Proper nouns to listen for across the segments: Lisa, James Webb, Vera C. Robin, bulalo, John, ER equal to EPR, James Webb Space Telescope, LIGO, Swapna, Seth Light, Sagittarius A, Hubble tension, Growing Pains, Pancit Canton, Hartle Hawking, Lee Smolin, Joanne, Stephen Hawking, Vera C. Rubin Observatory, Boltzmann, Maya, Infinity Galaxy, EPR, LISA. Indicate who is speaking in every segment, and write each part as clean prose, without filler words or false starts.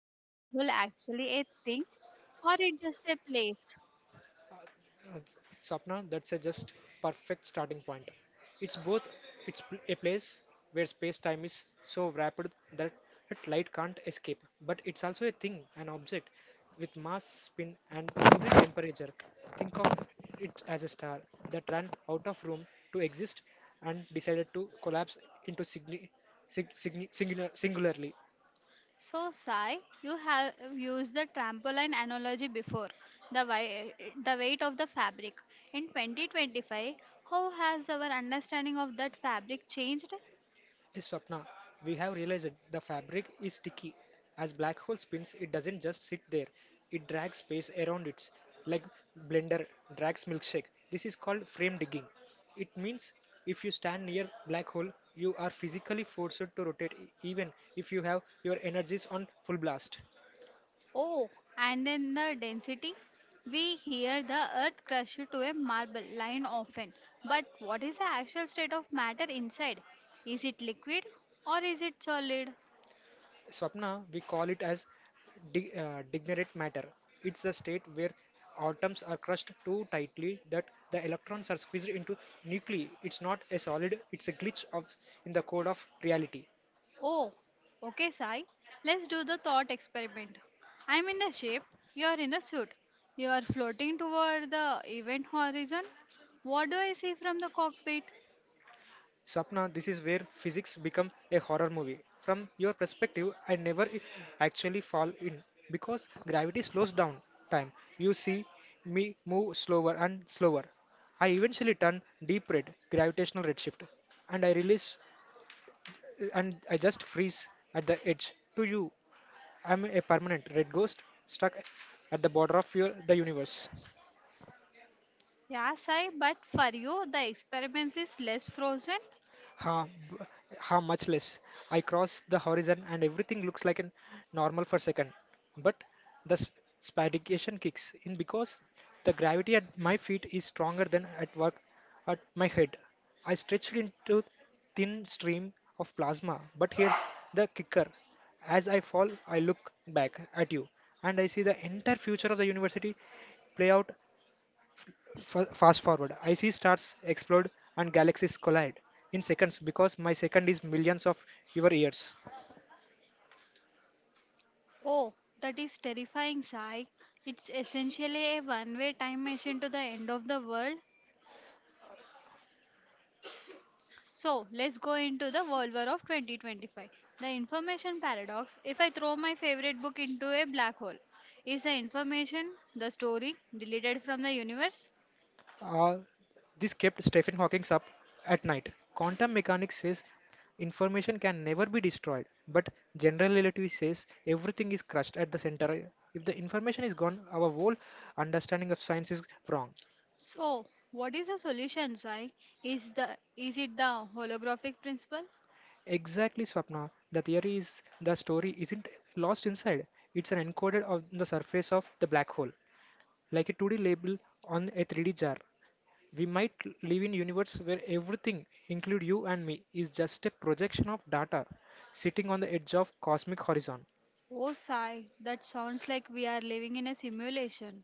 Speaker 1: Is a black hole actually a thing or it just a place?
Speaker 2: uh, Swapna, that's a just perfect starting point. It's both a place where space-time is so wrapped that, that light can't escape, but it's also a thing, an object with mass, spin, and even temperature. Think of it as a star that ran out of room to exist and decided to collapse into singularly.
Speaker 1: So, Sai, you have used the trampoline analogy before, the, wi- the weight of the fabric. In 2025, how has our understanding of that fabric changed?
Speaker 2: Hey, Swapna, we have realized the fabric is sticky. As black hole spins, it doesn't just sit there, it drags space around it, like blender drags milkshake. This is called frame digging. It means if you stand near black hole, you are physically forced to rotate even if you have your energies on full blast.
Speaker 1: Oh, and then the density? We hear the earth crushed to a marble line often, but what is the actual state of matter inside? Is it liquid or is it solid?
Speaker 2: Swapna, we call it as digerent matter. It's a state where atoms are crushed too tightly that the electrons are squeezed into nuclei. It's not a solid, it's a glitch of in the code of reality.
Speaker 1: Oh, okay, Sai. Let's do the thought experiment. I'm in the shape, you're in the suit. You are floating toward the event horizon. What do I see from the cockpit?
Speaker 2: Swapna, this is where physics become a horror movie. From your perspective, I never I- actually fall in because gravity slows down time. You see me move slower and slower. I eventually turn deep red, gravitational redshift, and I release and I just freeze at the edge. To you, I'm a permanent red ghost stuck at the border of the universe.
Speaker 1: Yeah, Sai, but for you, the experiment is less frozen.
Speaker 2: Huh, b- huh, much less. I cross the horizon and everything looks like an normal for a second. But the spadication kicks in because the gravity at my feet is stronger than at work at my head. I stretched into thin stream of plasma. But here's the kicker. As I fall, I look back at you and I see the entire future of the university play out fast forward. I see stars explode and galaxies collide in seconds because my second is millions of your years.
Speaker 1: Oh, that is terrifying, Sai. It's essentially a one way time machine to the end of the world. So let's go into the World War of 2025. The information paradox. If I throw my favorite book into a black hole, is the information, the story, deleted from the universe?
Speaker 2: Uh, this kept Stephen Hawking up at night. Quantum mechanics says information can never be destroyed, but general relativity says everything is crushed at the center. If the information is gone, our whole understanding of science is wrong.
Speaker 1: So, what is the solution, Sai? Is it the holographic principle?
Speaker 2: Exactly, Swapna. The theory is the story isn't lost inside, it's an encoded on the surface of the black hole, like a 2D label on a 3D jar. We might live in universe where everything, include you and me, is just a projection of data sitting on the edge of cosmic horizon.
Speaker 1: Oh, Sai, that sounds like we are living in a simulation.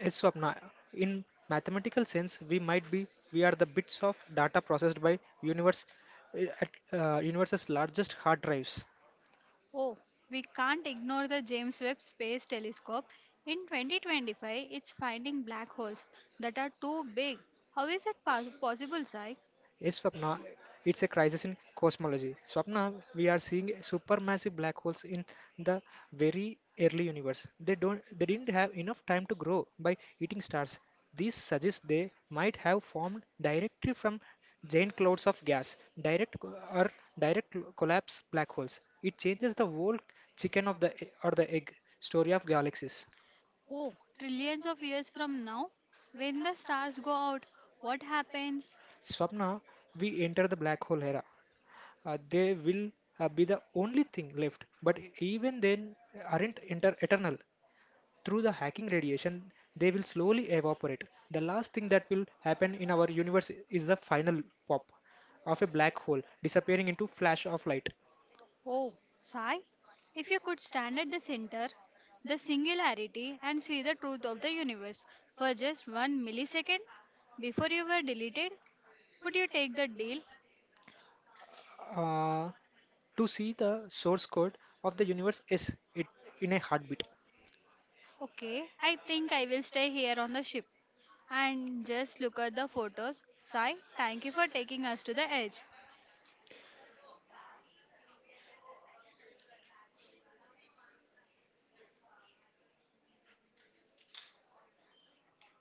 Speaker 2: A swapna. In mathematical sense, we might be we are the bits of data processed by universe's largest hard drives.
Speaker 1: Oh, we can't ignore the James Webb Space Telescope. In 2025, it's finding black holes that are too big. How is that possible, Sai?
Speaker 2: Yes, Swapna, it's a crisis in cosmology. Swapna, we are seeing supermassive black holes in the very early universe. They didn't have enough time to grow by eating stars. This suggests they might have formed directly from giant clouds of gas, direct co- or direct collapse black holes. It changes the whole chicken of the e- or the egg story of galaxies.
Speaker 1: Oh, trillions of years from now? When the stars go out, what happens?
Speaker 2: Swapna, we enter the black hole era. They will be the only thing left. But even then, aren't inter eternal. Through the hacking radiation, they will slowly evaporate. The last thing that will happen in our universe is the final pop of a black hole disappearing into flash of light.
Speaker 1: Oh, Sai, if you could stand at the center, the singularity, and see the truth of the universe for just one millisecond before you were deleted, would you take the deal?
Speaker 2: Uh, to see the source code of the universe is it in a heartbeat.
Speaker 1: Okay, I think I will stay here on the ship and just look at the photos. Sai, thank you for taking us to the edge.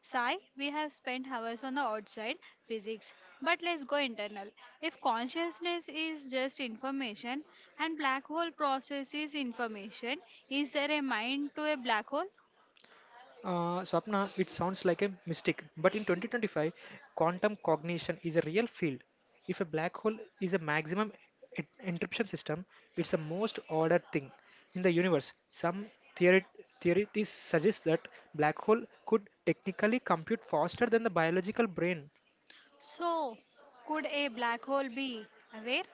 Speaker 1: Sai, we have spent hours on the outside physics, but let's go internal. If consciousness is just information and black hole processes information, is there a mind to a black hole?
Speaker 2: Swapna, it sounds like a mistake, but in 2025, quantum cognition is a real field. If a black hole is a maximum encryption system, it's the most ordered thing in the universe. Some theory theories suggest that black hole could technically compute faster than the biological brain.
Speaker 1: So, could a black hole be aware?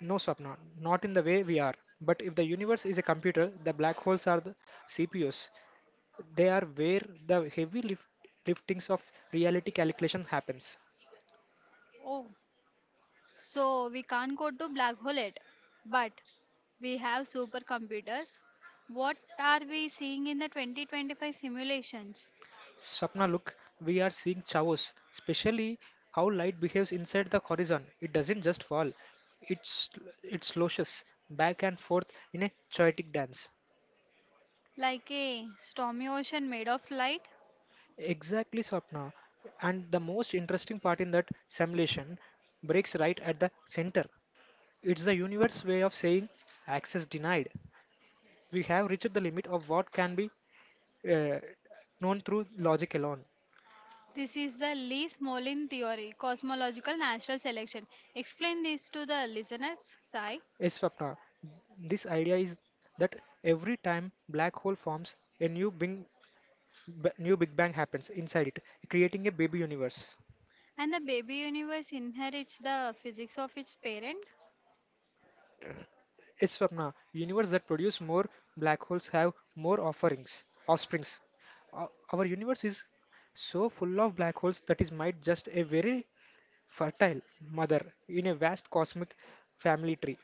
Speaker 2: No, Swapna, not in the way we are. But if the universe is a computer, the black holes are the CPUs. They are where the liftings of reality calculations happens.
Speaker 1: Oh, so we can't go to black hole yet, but we have supercomputers. What are we seeing in the 2025 simulations?
Speaker 2: Sapna, look, we are seeing chaos, especially how light behaves inside the horizon. It doesn't just fall, it's, it sloshes back and forth in a chaotic dance.
Speaker 1: Like a stormy ocean made of light?
Speaker 2: Exactly, Sapna. And the most interesting part in that simulation breaks right at the center. It's the universe way of saying access denied. We have reached the limit of what can be uh, known through logic alone.
Speaker 1: This is the Lee Smolin theory, cosmological natural selection. Explain this to the listeners, Sai.
Speaker 2: Yes, Swapna, this idea is that every time black hole forms, a new big b- new Big Bang happens inside it, creating a baby universe.
Speaker 1: And the baby universe inherits the physics of its parent.
Speaker 2: Yes, Swapna, universe that produce more black holes have more offsprings. Our universe is so full of black holes that is might just a very fertile mother in a vast cosmic family tree.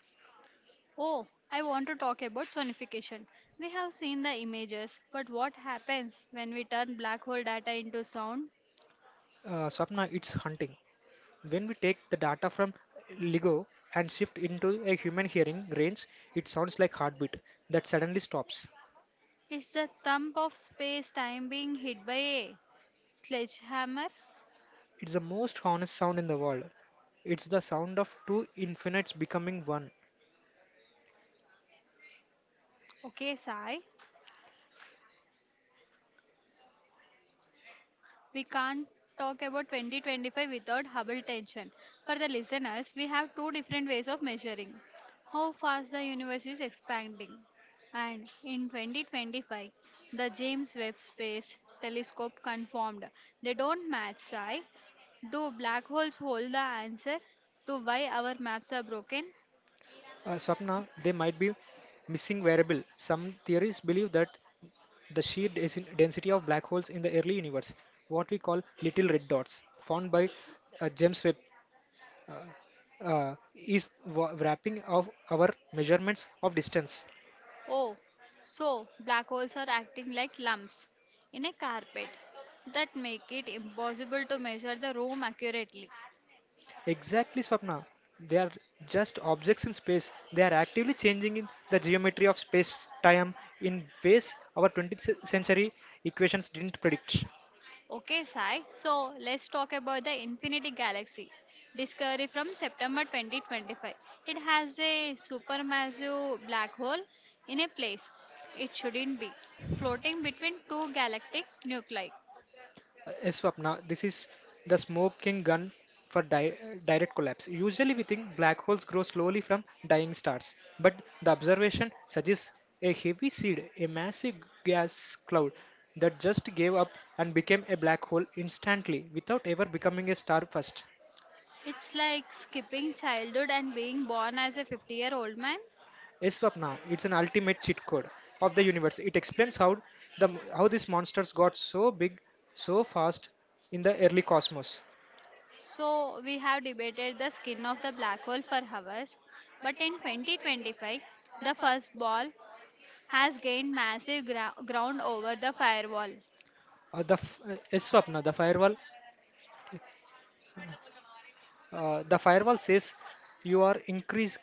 Speaker 1: Oh, I want to talk about sonification. We have seen the images, but what happens when we turn black hole data into sound?
Speaker 2: Swapna, it's hunting. When we take the data from LIGO and shift into a human hearing range, it sounds like heartbeat that suddenly stops.
Speaker 1: Is the thump of space time being hit by a sledgehammer?
Speaker 2: It's the most honest sound in the world. It's the sound of two infinites becoming one.
Speaker 1: Okay, Sai. We can't talk about 2025 without Hubble tension. For the listeners, we have two different ways of measuring how fast the universe is expanding. And in 2025, the James Webb Space Telescope confirmed they don't match size. Do black holes hold the answer to why our maps are broken?
Speaker 2: Swapna, there might be missing variable. Some theories believe that the sheer density of black holes in the early universe, what we call little red dots, found by James Webb, uh, is wrapping of our measurements of distance.
Speaker 1: Oh, so black holes are acting like lumps in a carpet that make it impossible to measure the room accurately.
Speaker 2: Exactly, Swapna. They are just objects in space. They are actively changing in the geometry of space-time in ways our 20th century equations didn't predict.
Speaker 1: Okay, Sai. So let's talk about the Infinity Galaxy discovery from September 2025. It has a supermassive black hole in a place it shouldn't be, floating between two galactic nuclei.
Speaker 2: Yes, Swapna, this is the smoking gun for direct collapse. Usually, we think black holes grow slowly from dying stars, but the observation suggests a heavy seed, a massive gas cloud that just gave up and became a black hole instantly without ever becoming a star first.
Speaker 1: It's like skipping childhood and being born as a 50-year-old man.
Speaker 2: Yes, Swapna, it's an ultimate cheat code of the universe. It explains how the these monsters got so big, so fast in the early cosmos.
Speaker 1: So, we have debated the skin of the black hole for hours, but in 2025, the first ball has gained massive ground over the firewall.
Speaker 2: Yes, Swapna, the firewall says you are increased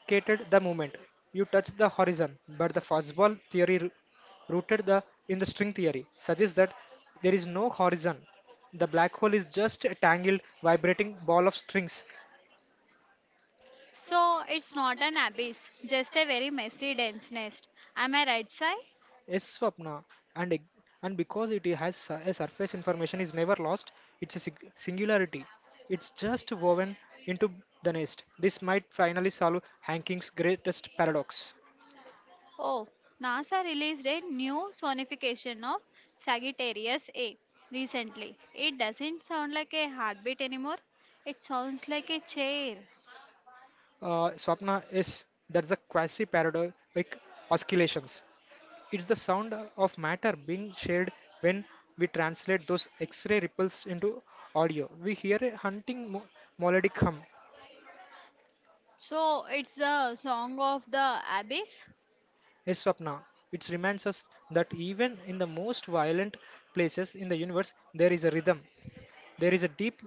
Speaker 2: the moment you touch the horizon. But the fastball theory rooted the in the string theory suggests that there is no horizon. The black hole is just a tangled, vibrating ball of strings.
Speaker 1: So it's not an abyss, just a very messy, dense nest. Am I right, Sai?
Speaker 2: Yes, Swapna, and ig- and because it has a surface information is never lost, it's a singularity. It's just woven into the nest. This might finally solve Hanking's greatest paradox.
Speaker 1: Oh, NASA released a new sonification of Sagittarius A recently. It doesn't sound like a heartbeat anymore, it sounds like a chair.
Speaker 2: Swapna is that's the quasi paradoxic oscillations. It's the sound of matter being shared when we translate those X-ray ripples into audio. We hear a hunting melodic hum.
Speaker 1: So it's the song of the abyss.
Speaker 2: Yes, Swapna, it reminds us that even in the most violent places in the universe, there is a rhythm, there is a deep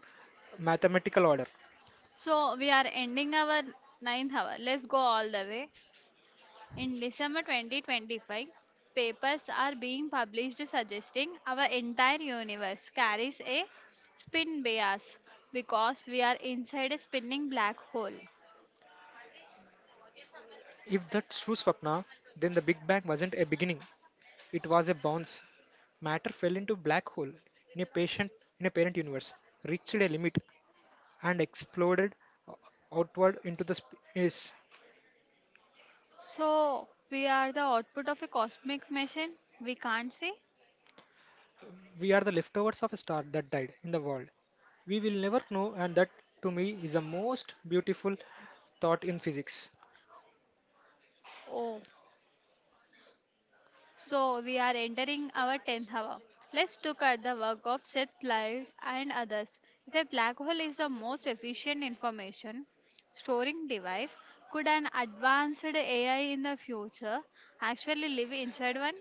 Speaker 2: mathematical order.
Speaker 1: So we are ending our ninth hour. Let's go all the way. In December 2025, papers are being published suggesting our entire universe carries a spin bias because we are inside a spinning black hole.
Speaker 2: If that's true, Swapna, then the Big Bang wasn't a beginning, it was a bounce. Matter fell into black hole in a patient in a parent universe, reached a limit, and exploded o- outward into the space.
Speaker 1: So, we are the output of a cosmic machine we can't see.
Speaker 2: We are the leftovers of a star that died in the world. We will never know, and that to me is the most beautiful thought in physics.
Speaker 1: Oh. So we are entering our 10th hour. Let's look at the work of Seth Light and others. If a black hole is the most efficient information storing device, could an advanced AI in the future actually live inside one?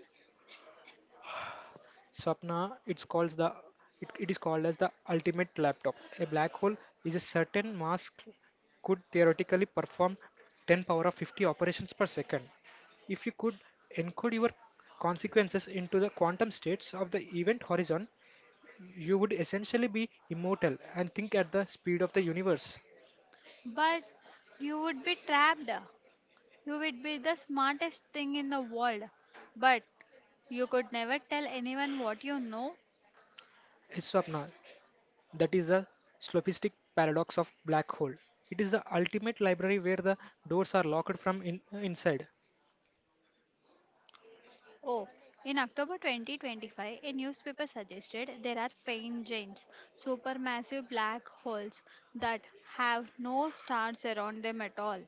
Speaker 2: Swapna, it is called as the ultimate laptop. A black hole is a certain mass could theoretically perform 10 power of 50 operations per second. If you could encode your consequences into the quantum states of the event horizon, you would essentially be immortal and think at the speed of the universe.
Speaker 1: But you would be trapped. You would be the smartest thing in the world. But you could never tell anyone what you know.
Speaker 2: Yes, Swapna, that is the slopistic paradox of black hole. It is the ultimate library where the doors are locked from inside.
Speaker 1: Oh, in October 2025, a newspaper suggested there are faint-giants, supermassive black holes that have no stars around them at all,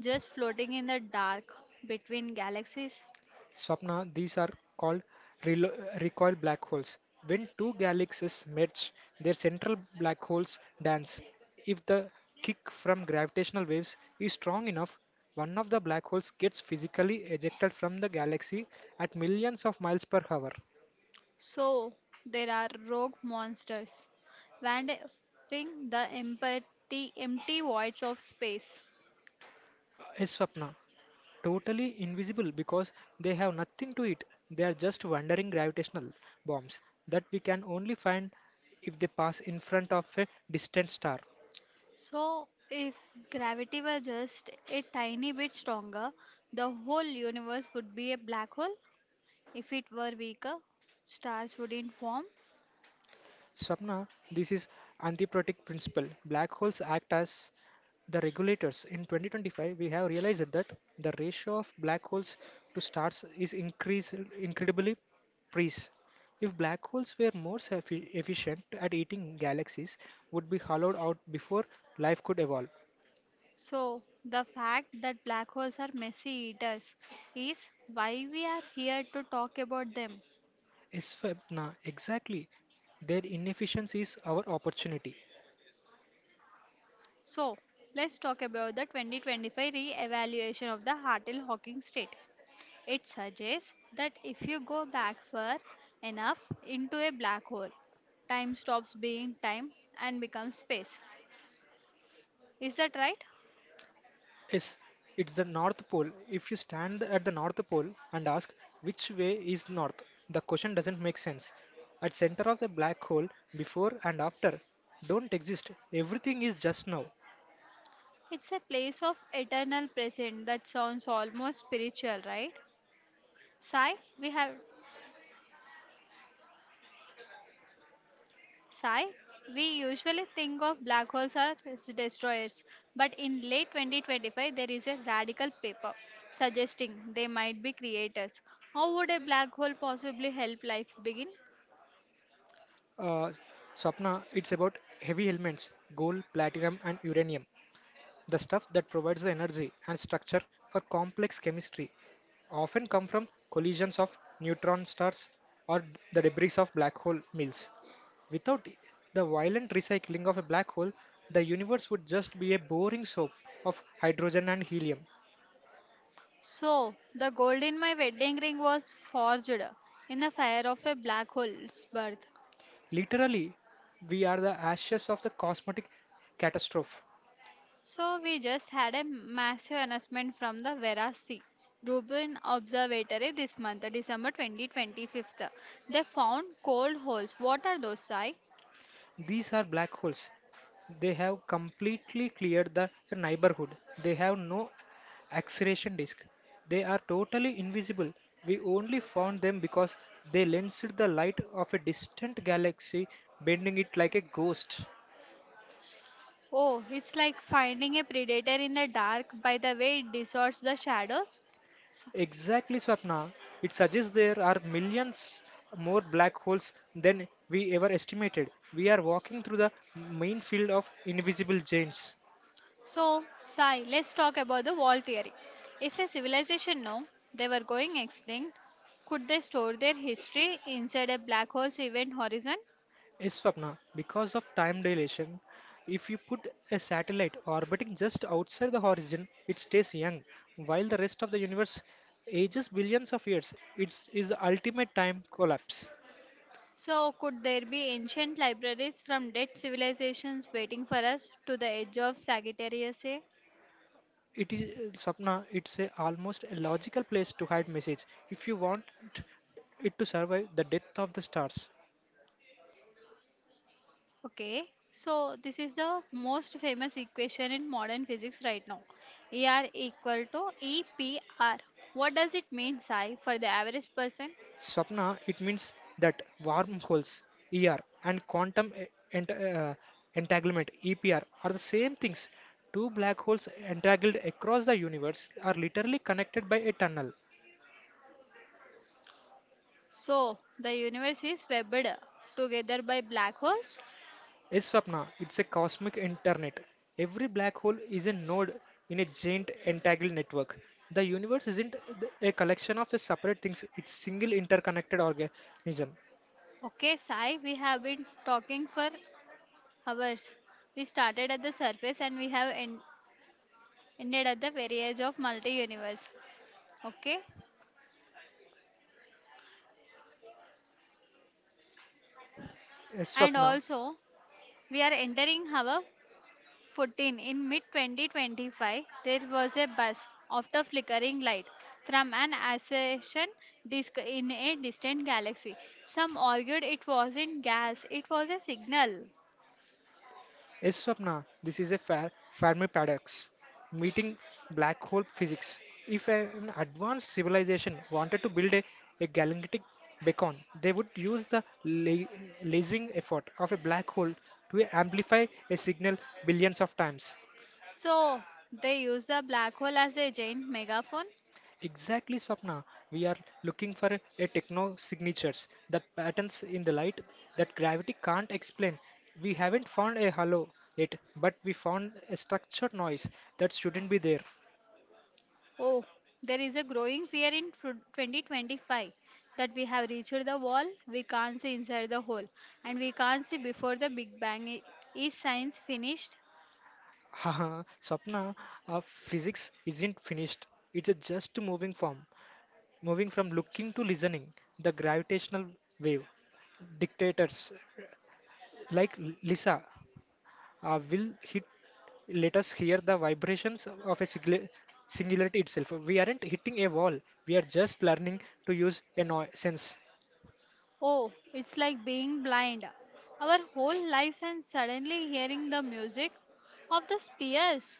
Speaker 1: just floating in the dark between galaxies.
Speaker 2: Swapna, these are called recoil black holes. When two galaxies merge, their central black holes dance. If the kick from gravitational waves is strong enough, one of the black holes gets physically ejected from the galaxy at millions of miles per hour.
Speaker 1: So, there are rogue monsters wandering the empty voids of space.
Speaker 2: Yes, Swapna, totally invisible because they have nothing to eat. They are just wandering gravitational bombs that we can only find if they pass in front of a distant star.
Speaker 1: So, if gravity were just a tiny bit stronger, the whole universe would be a black hole. If it were weaker, stars wouldn't form.
Speaker 2: Swapna, this is antiprotic principle. Black holes act as the regulators. In 2025, we have realized that the ratio of black holes to stars is increased incredibly precise. If black holes were more efficient at eating galaxies, would be hollowed out before life could evolve.
Speaker 1: So, the fact that black holes are messy eaters is why we are here to talk about them.
Speaker 2: Eswatna, exactly. Their inefficiency is our opportunity.
Speaker 1: So, let's talk about the 2025 re evaluation of the Hartle Hawking state. It suggests that if you go back far enough into a black hole, time stops being time and becomes space. Is that right?
Speaker 2: Yes, it's the North Pole. If you stand at the North Pole and ask which way is north, the question doesn't make sense. At center of the black hole, before and after, don't exist. Everything is just now.
Speaker 1: It's a place of eternal present that sounds almost spiritual, right? Sai, we have Sai, we usually think of black holes as destroyers, but in late 2025 there is a radical paper suggesting they might be creators. How would a black hole possibly help life begin?
Speaker 2: Uh, Swapna, it's about heavy elements, gold, platinum, and uranium. The stuff that provides the energy and structure for complex chemistry often come from collisions of neutron stars or the debris of black hole mills. Without the violent recycling of a black hole, the universe would just be a boring soap of hydrogen and helium.
Speaker 1: So, the gold in my wedding ring was forged in the fire of a black hole's birth.
Speaker 2: Literally, we are the ashes of the cosmetic catastrophe.
Speaker 1: So we just had a massive announcement from the Vera C. Rubin Observatory this month, December 2025. They found cold holes. What are those, Sai?
Speaker 2: These are black holes. They have completely cleared the neighborhood. They have no acceleration disk. They are totally invisible. We only found them because they lensed the light of a distant galaxy, bending it like a ghost.
Speaker 1: Oh, it's like finding a predator in the dark by the way it distorts the shadows.
Speaker 2: Exactly, Swapna. It suggests there are millions more black holes than we ever estimated. We are walking through the main field of invisible
Speaker 1: S-
Speaker 2: giants.
Speaker 1: So, Sai, let's talk about the wall theory. If a civilization knew they were going extinct, could they store their history inside a black hole's event horizon?
Speaker 2: Yes, Swapna, because of time dilation, if you put a satellite orbiting just outside the horizon, it stays young, while the rest of the universe ages billions of years. It's is the ultimate time collapse.
Speaker 1: So, could there be ancient libraries from dead civilizations waiting for us to the edge of Sagittarius A?
Speaker 2: It is Swapna, it's a almost a logical place to hide message. If you want it to survive the death of the stars,
Speaker 1: Okay, so this is the most famous equation in modern physics right now. ER equal to EPR. What does it mean, Sai, for the average person?
Speaker 2: Swapna, it means that wormholes, ER, and quantum e- ent- uh, entanglement, EPR, are the same things. Two black holes entangled across the universe are literally connected by a tunnel.
Speaker 1: So, the universe is webbed together by black holes.
Speaker 2: A Swapna, it's a cosmic internet. Every black hole is a node in a giant entangled network. The universe isn't a collection of separate things, it's single interconnected organism.
Speaker 1: Okay, Sai, we have been talking for hours. We started at the surface and we have ended at the very edge of multi universe. Okay,
Speaker 2: A
Speaker 1: and
Speaker 2: Swapna.
Speaker 1: also we are entering our 14. In mid 2025, there was a buzz after flickering light from an accretion disk in a distant galaxy. Some argued it wasn't gas, it was a signal.
Speaker 2: Yes, Swapna, this is a fair Fermi paradox, meeting black hole physics. If an advanced civilization wanted to build a galactic beacon, they would use the lasing effort of a black hole to amplify a signal billions of times.
Speaker 1: So they use the black hole as a giant megaphone.
Speaker 2: Exactly, Swapna. We are looking for a techno signatures that patterns in the light that gravity can't explain. We haven't found a halo yet, but we found a structured noise that shouldn't be there.
Speaker 1: Oh, there is a growing fear in 2025 that we have reached the wall, we can't see inside the hole, and we can't see before the Big Bang. Is science finished.
Speaker 2: Haha, Swapna, physics isn't finished. It's a just moving form, moving from looking to listening. The gravitational wave dictators like Lisa will hit. Let us hear the vibrations of a singularity itself. We aren't hitting a wall. We are just learning to use a noise sense.
Speaker 1: Oh, it's like being blind. Our whole lives and suddenly hearing the music of the spheres.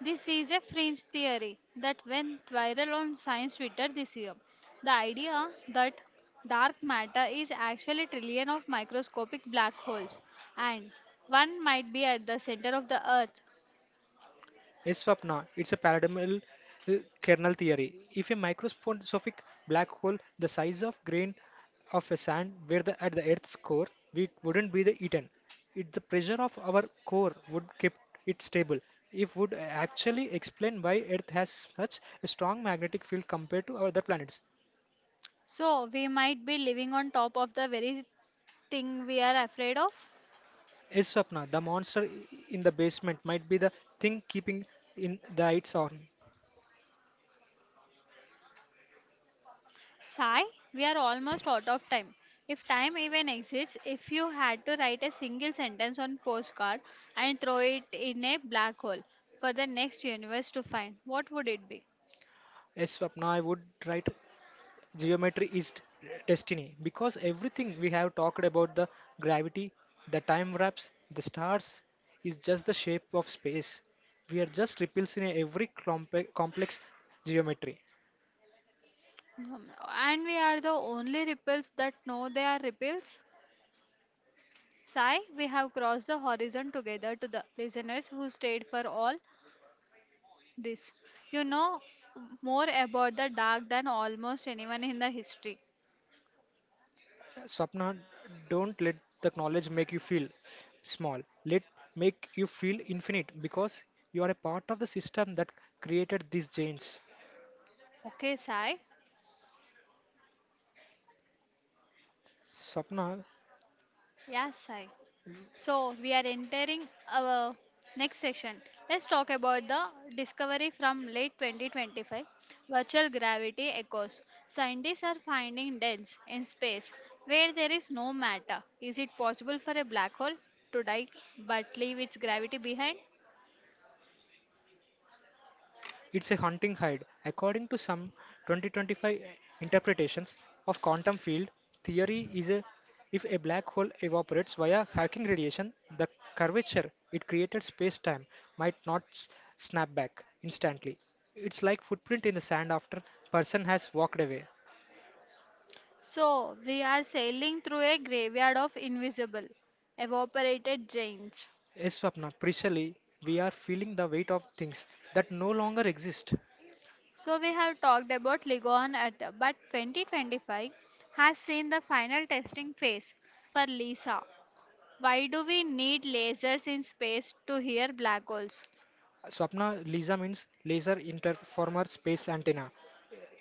Speaker 1: This is a fringe theory that went viral on science Twitter this year. The idea that dark matter is actually trillion of microscopic black holes and one might be at the center of the earth.
Speaker 2: A swapna, it's a paradigmal uh, kernel theory. If a microscopic black hole the size of grain of a sand were the, at the Earth's core, we wouldn't be the eaten. It's the pressure of our core would keep it stable. If would actually explain why Earth has such a strong magnetic field compared to other planets.
Speaker 1: So we might be living on top of the very thing we are afraid of.
Speaker 2: A swapna, the monster in the basement, might be the thing keeping in the lights on.
Speaker 1: Sai, we are almost out of time. If time even exists, if you had to write a single sentence on postcard and throw it in a black hole for the next universe to find, what would it be?
Speaker 2: A swapna, I would write geometry is destiny because everything we have talked about the gravity the time wraps the stars is just the shape of space we are just ripples in every complex geometry.
Speaker 1: Um, And we are the only ripples that know they are ripples. Sai, we have crossed the horizon together to the listeners who stayed for all this. You know more about the dark than almost anyone in the history.
Speaker 2: Swapna don't let the knowledge make you feel small let make you feel infinite because you are a part of the system that created these chains
Speaker 1: Okay, Sai.
Speaker 2: swapna.
Speaker 1: Yeah, Sai. So we are entering our next section. Let's talk about the discovery from late 2025 virtual gravity echoes. Scientists are finding dens in space where there is no matter. Is it possible for a black hole to die but leave its gravity behind?
Speaker 2: It's a hunting hide. According to some 2025 interpretations of quantum field theory is a if a black hole evaporates via Hawking radiation, the curvature it created space-time might not snap back instantly. It's like footprint in the sand after person has walked away.
Speaker 1: So we are sailing through a graveyard of invisible, evaporated giants.
Speaker 2: Yes, Swapna, precisely we are feeling the weight of things that no longer exist.
Speaker 1: So we have talked about Ligon at the, but 2025 has seen the final testing phase for LISA. Why do we need lasers in space to hear black holes?
Speaker 2: Swapna, LISA means laser interformer space antenna.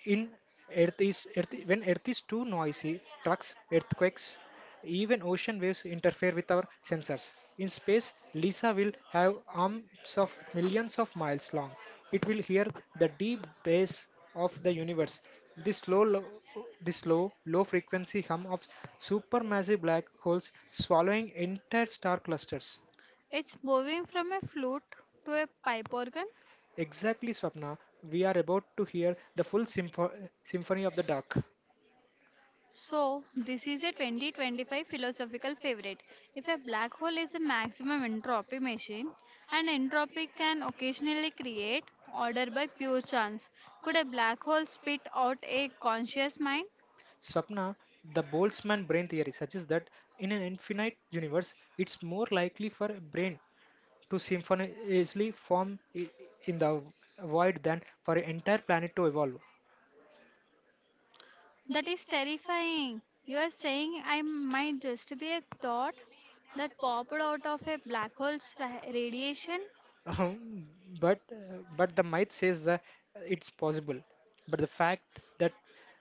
Speaker 2: In earth is earth when earth is too noisy trucks earthquakes even ocean waves interfere with our sensors in space lisa will have arms of millions of miles long it will hear the deep bass of the universe this low lo- this low low frequency hum of supermassive black holes swallowing entire star clusters.
Speaker 1: It's moving from a flute to a pipe organ.
Speaker 2: Exactly swapna we are about to hear the full symphony of the dark.
Speaker 1: So this is a 2025 philosophical favorite. If a black hole is a maximum entropy machine, and entropy can occasionally create order by pure chance, could a black hole spit out a conscious mind?
Speaker 2: Swapna, the Boltzmann brain theory suggests that in an infinite universe, it's more likely for a brain to spontaneously form in the void than for an entire planet to evolve.
Speaker 1: That is terrifying. You are saying I might just be a thought that popped out of a black hole's radiation?
Speaker 2: Um, but the myth says that it's possible. But the fact that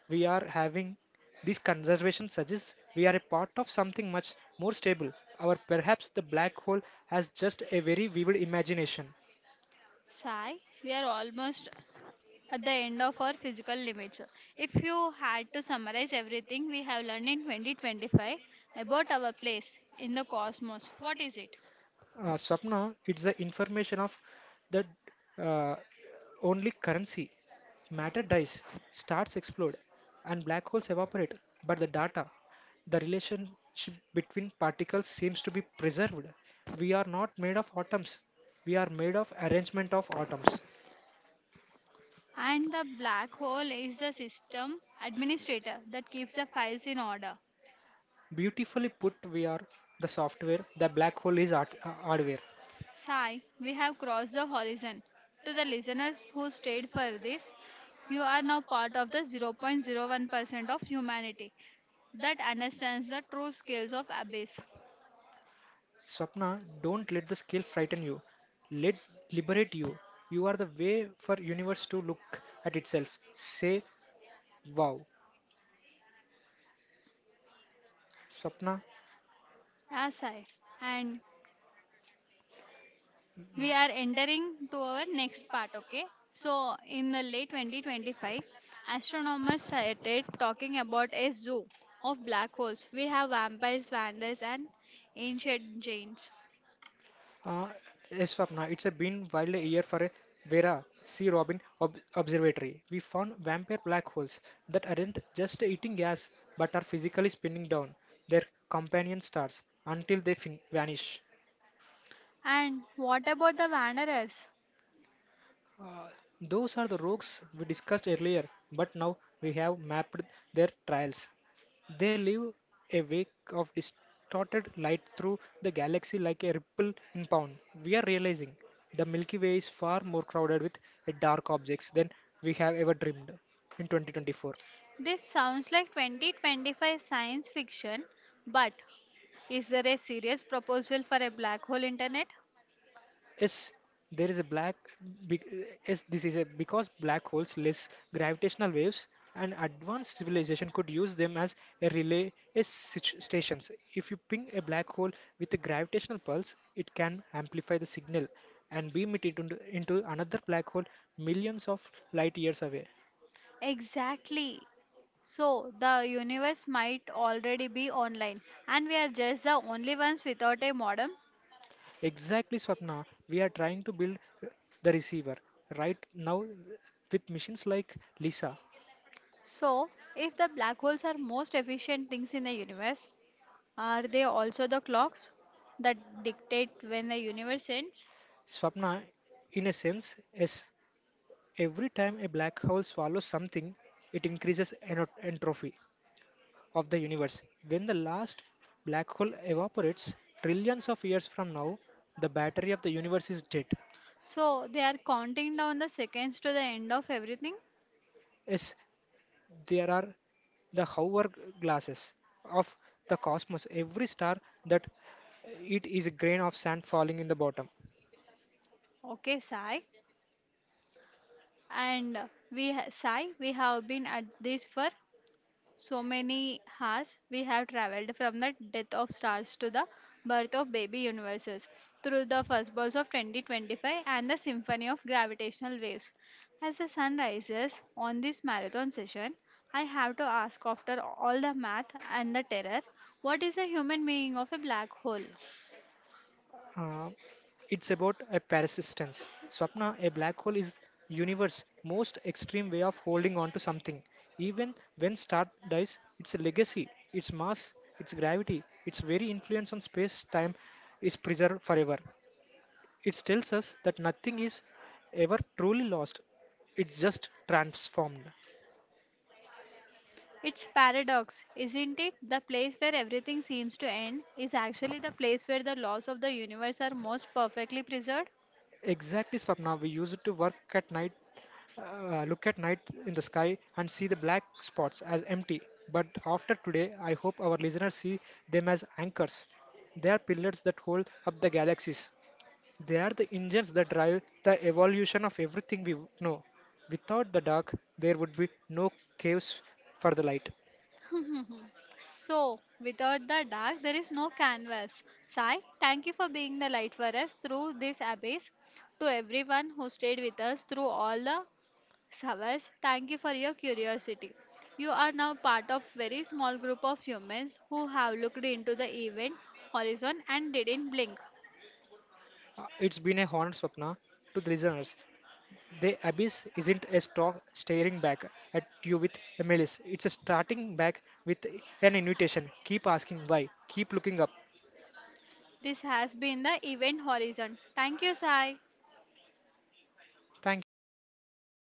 Speaker 2: we are having this conservation suggests we are a part of something much more stable, or perhaps the black hole has just a very vivid imagination.
Speaker 1: Sigh, we are almost at the end of our physical limits. If you had to summarize everything we have learned in 2025 about our place in the cosmos, what is it?
Speaker 2: Swapna, it's the information of that uh, only currency. Matter dies, stars explode, and black holes evaporate. But the data, the relationship between particles seems to be preserved. We are not made of atoms. We are made of arrangement of atoms.
Speaker 1: And the black hole is the system administrator that keeps the files in order.
Speaker 2: Beautifully put, we are the software. The black hole is hardware.
Speaker 1: Sai, we have crossed the horizon. To the listeners who stayed for this, you are now part of the 0.01% of humanity that understands the true scales of abyss.
Speaker 2: Swapna, don't let the scale frighten you. Let liberate you. You are the way for universe to look at itself. Say wow. Swapna,
Speaker 1: Yeah, Sai. And we are entering to our next part, okay? So, in the late 2025, astronomers started talking about a zoo of black holes. We have vampires, vandals, and ancient giants.
Speaker 2: uh, yes, Swapna, it's a been wild year for a Vera C. Robin observatory. We found vampire black holes that aren't just eating gas but are physically spinning down their companion stars until they vanish.
Speaker 1: And what about the wanderers?
Speaker 2: Uh, those are the rogues we discussed earlier, but now we have mapped their trails. They leave a wake of distorted light through the galaxy like a ripple impound. We are realizing the Milky Way is far more crowded with dark objects than we have ever dreamed in 2024.
Speaker 1: This sounds like 2025 science fiction, but is there a serious proposal for a black hole internet?
Speaker 2: Yes, there is a black. Big, yes, this is a because black holes less gravitational waves, and advanced civilization could use them as a relay yes, stations. If you ping a black hole with a gravitational pulse, it can amplify the signal and beam it into another black hole millions of light years away.
Speaker 1: Exactly. So, the universe might already be online, and we are just the only ones without a modem.
Speaker 2: Exactly, Swapna. We are trying to build the receiver right now with missions like LISA.
Speaker 1: So, if the black holes are most efficient things in the universe, are they also the clocks that dictate when the universe ends?
Speaker 2: Swapna, in a sense, yes. Every time a black hole swallows something, it increases entropy of the universe. When the last black hole evaporates, trillions of years from now, the battery of the universe is dead.
Speaker 1: So, they are counting down the seconds to the end of everything.
Speaker 2: Yes, there are the hourglasses of the cosmos. Every star that it is a grain of sand falling in the bottom.
Speaker 1: Okay, Sai. Sai, we have been at this for so many hours. We have traveled from the death of stars to the birth of baby universes, through the first balls of 2025 and the symphony of gravitational waves. As the sun rises on this marathon session, I have to ask after all the math and the terror, what is the human meaning of a black hole?
Speaker 2: Uh, it's about a persistence. Swapna, a black hole is universe most extreme way of holding on to something. Even when star dies, its legacy, its mass, its gravity, its very influence on space-time is preserved forever. It tells us that nothing is ever truly lost. It's just transformed.
Speaker 1: It's paradox, isn't it? The place where everything seems to end is actually the place where the laws of the universe are most perfectly preserved.
Speaker 2: Exactly, Swapna. We used to work at night, look at night in the sky and see the black spots as empty. But after today, I hope our listeners see them as anchors. They are pillars that hold up the galaxies. They are the engines that drive the evolution of everything we know. Without the dark, there would be no caves for the light.
Speaker 1: So, without the dark, there is no canvas. Sai, thank you for being the light for us through this abyss. To everyone who stayed with us through all the hours, thank you for your curiosity. You are now part of very small group of humans who have looked into the event horizon and didn't blink.
Speaker 2: It's been a honor, Swapna, to the listeners. The abyss isn't a stock staring back at you with a malice. It's a starting back with an invitation. Keep asking why. Keep looking up.
Speaker 1: This has been the event horizon. Thank you, Sai.
Speaker 2: Thank you.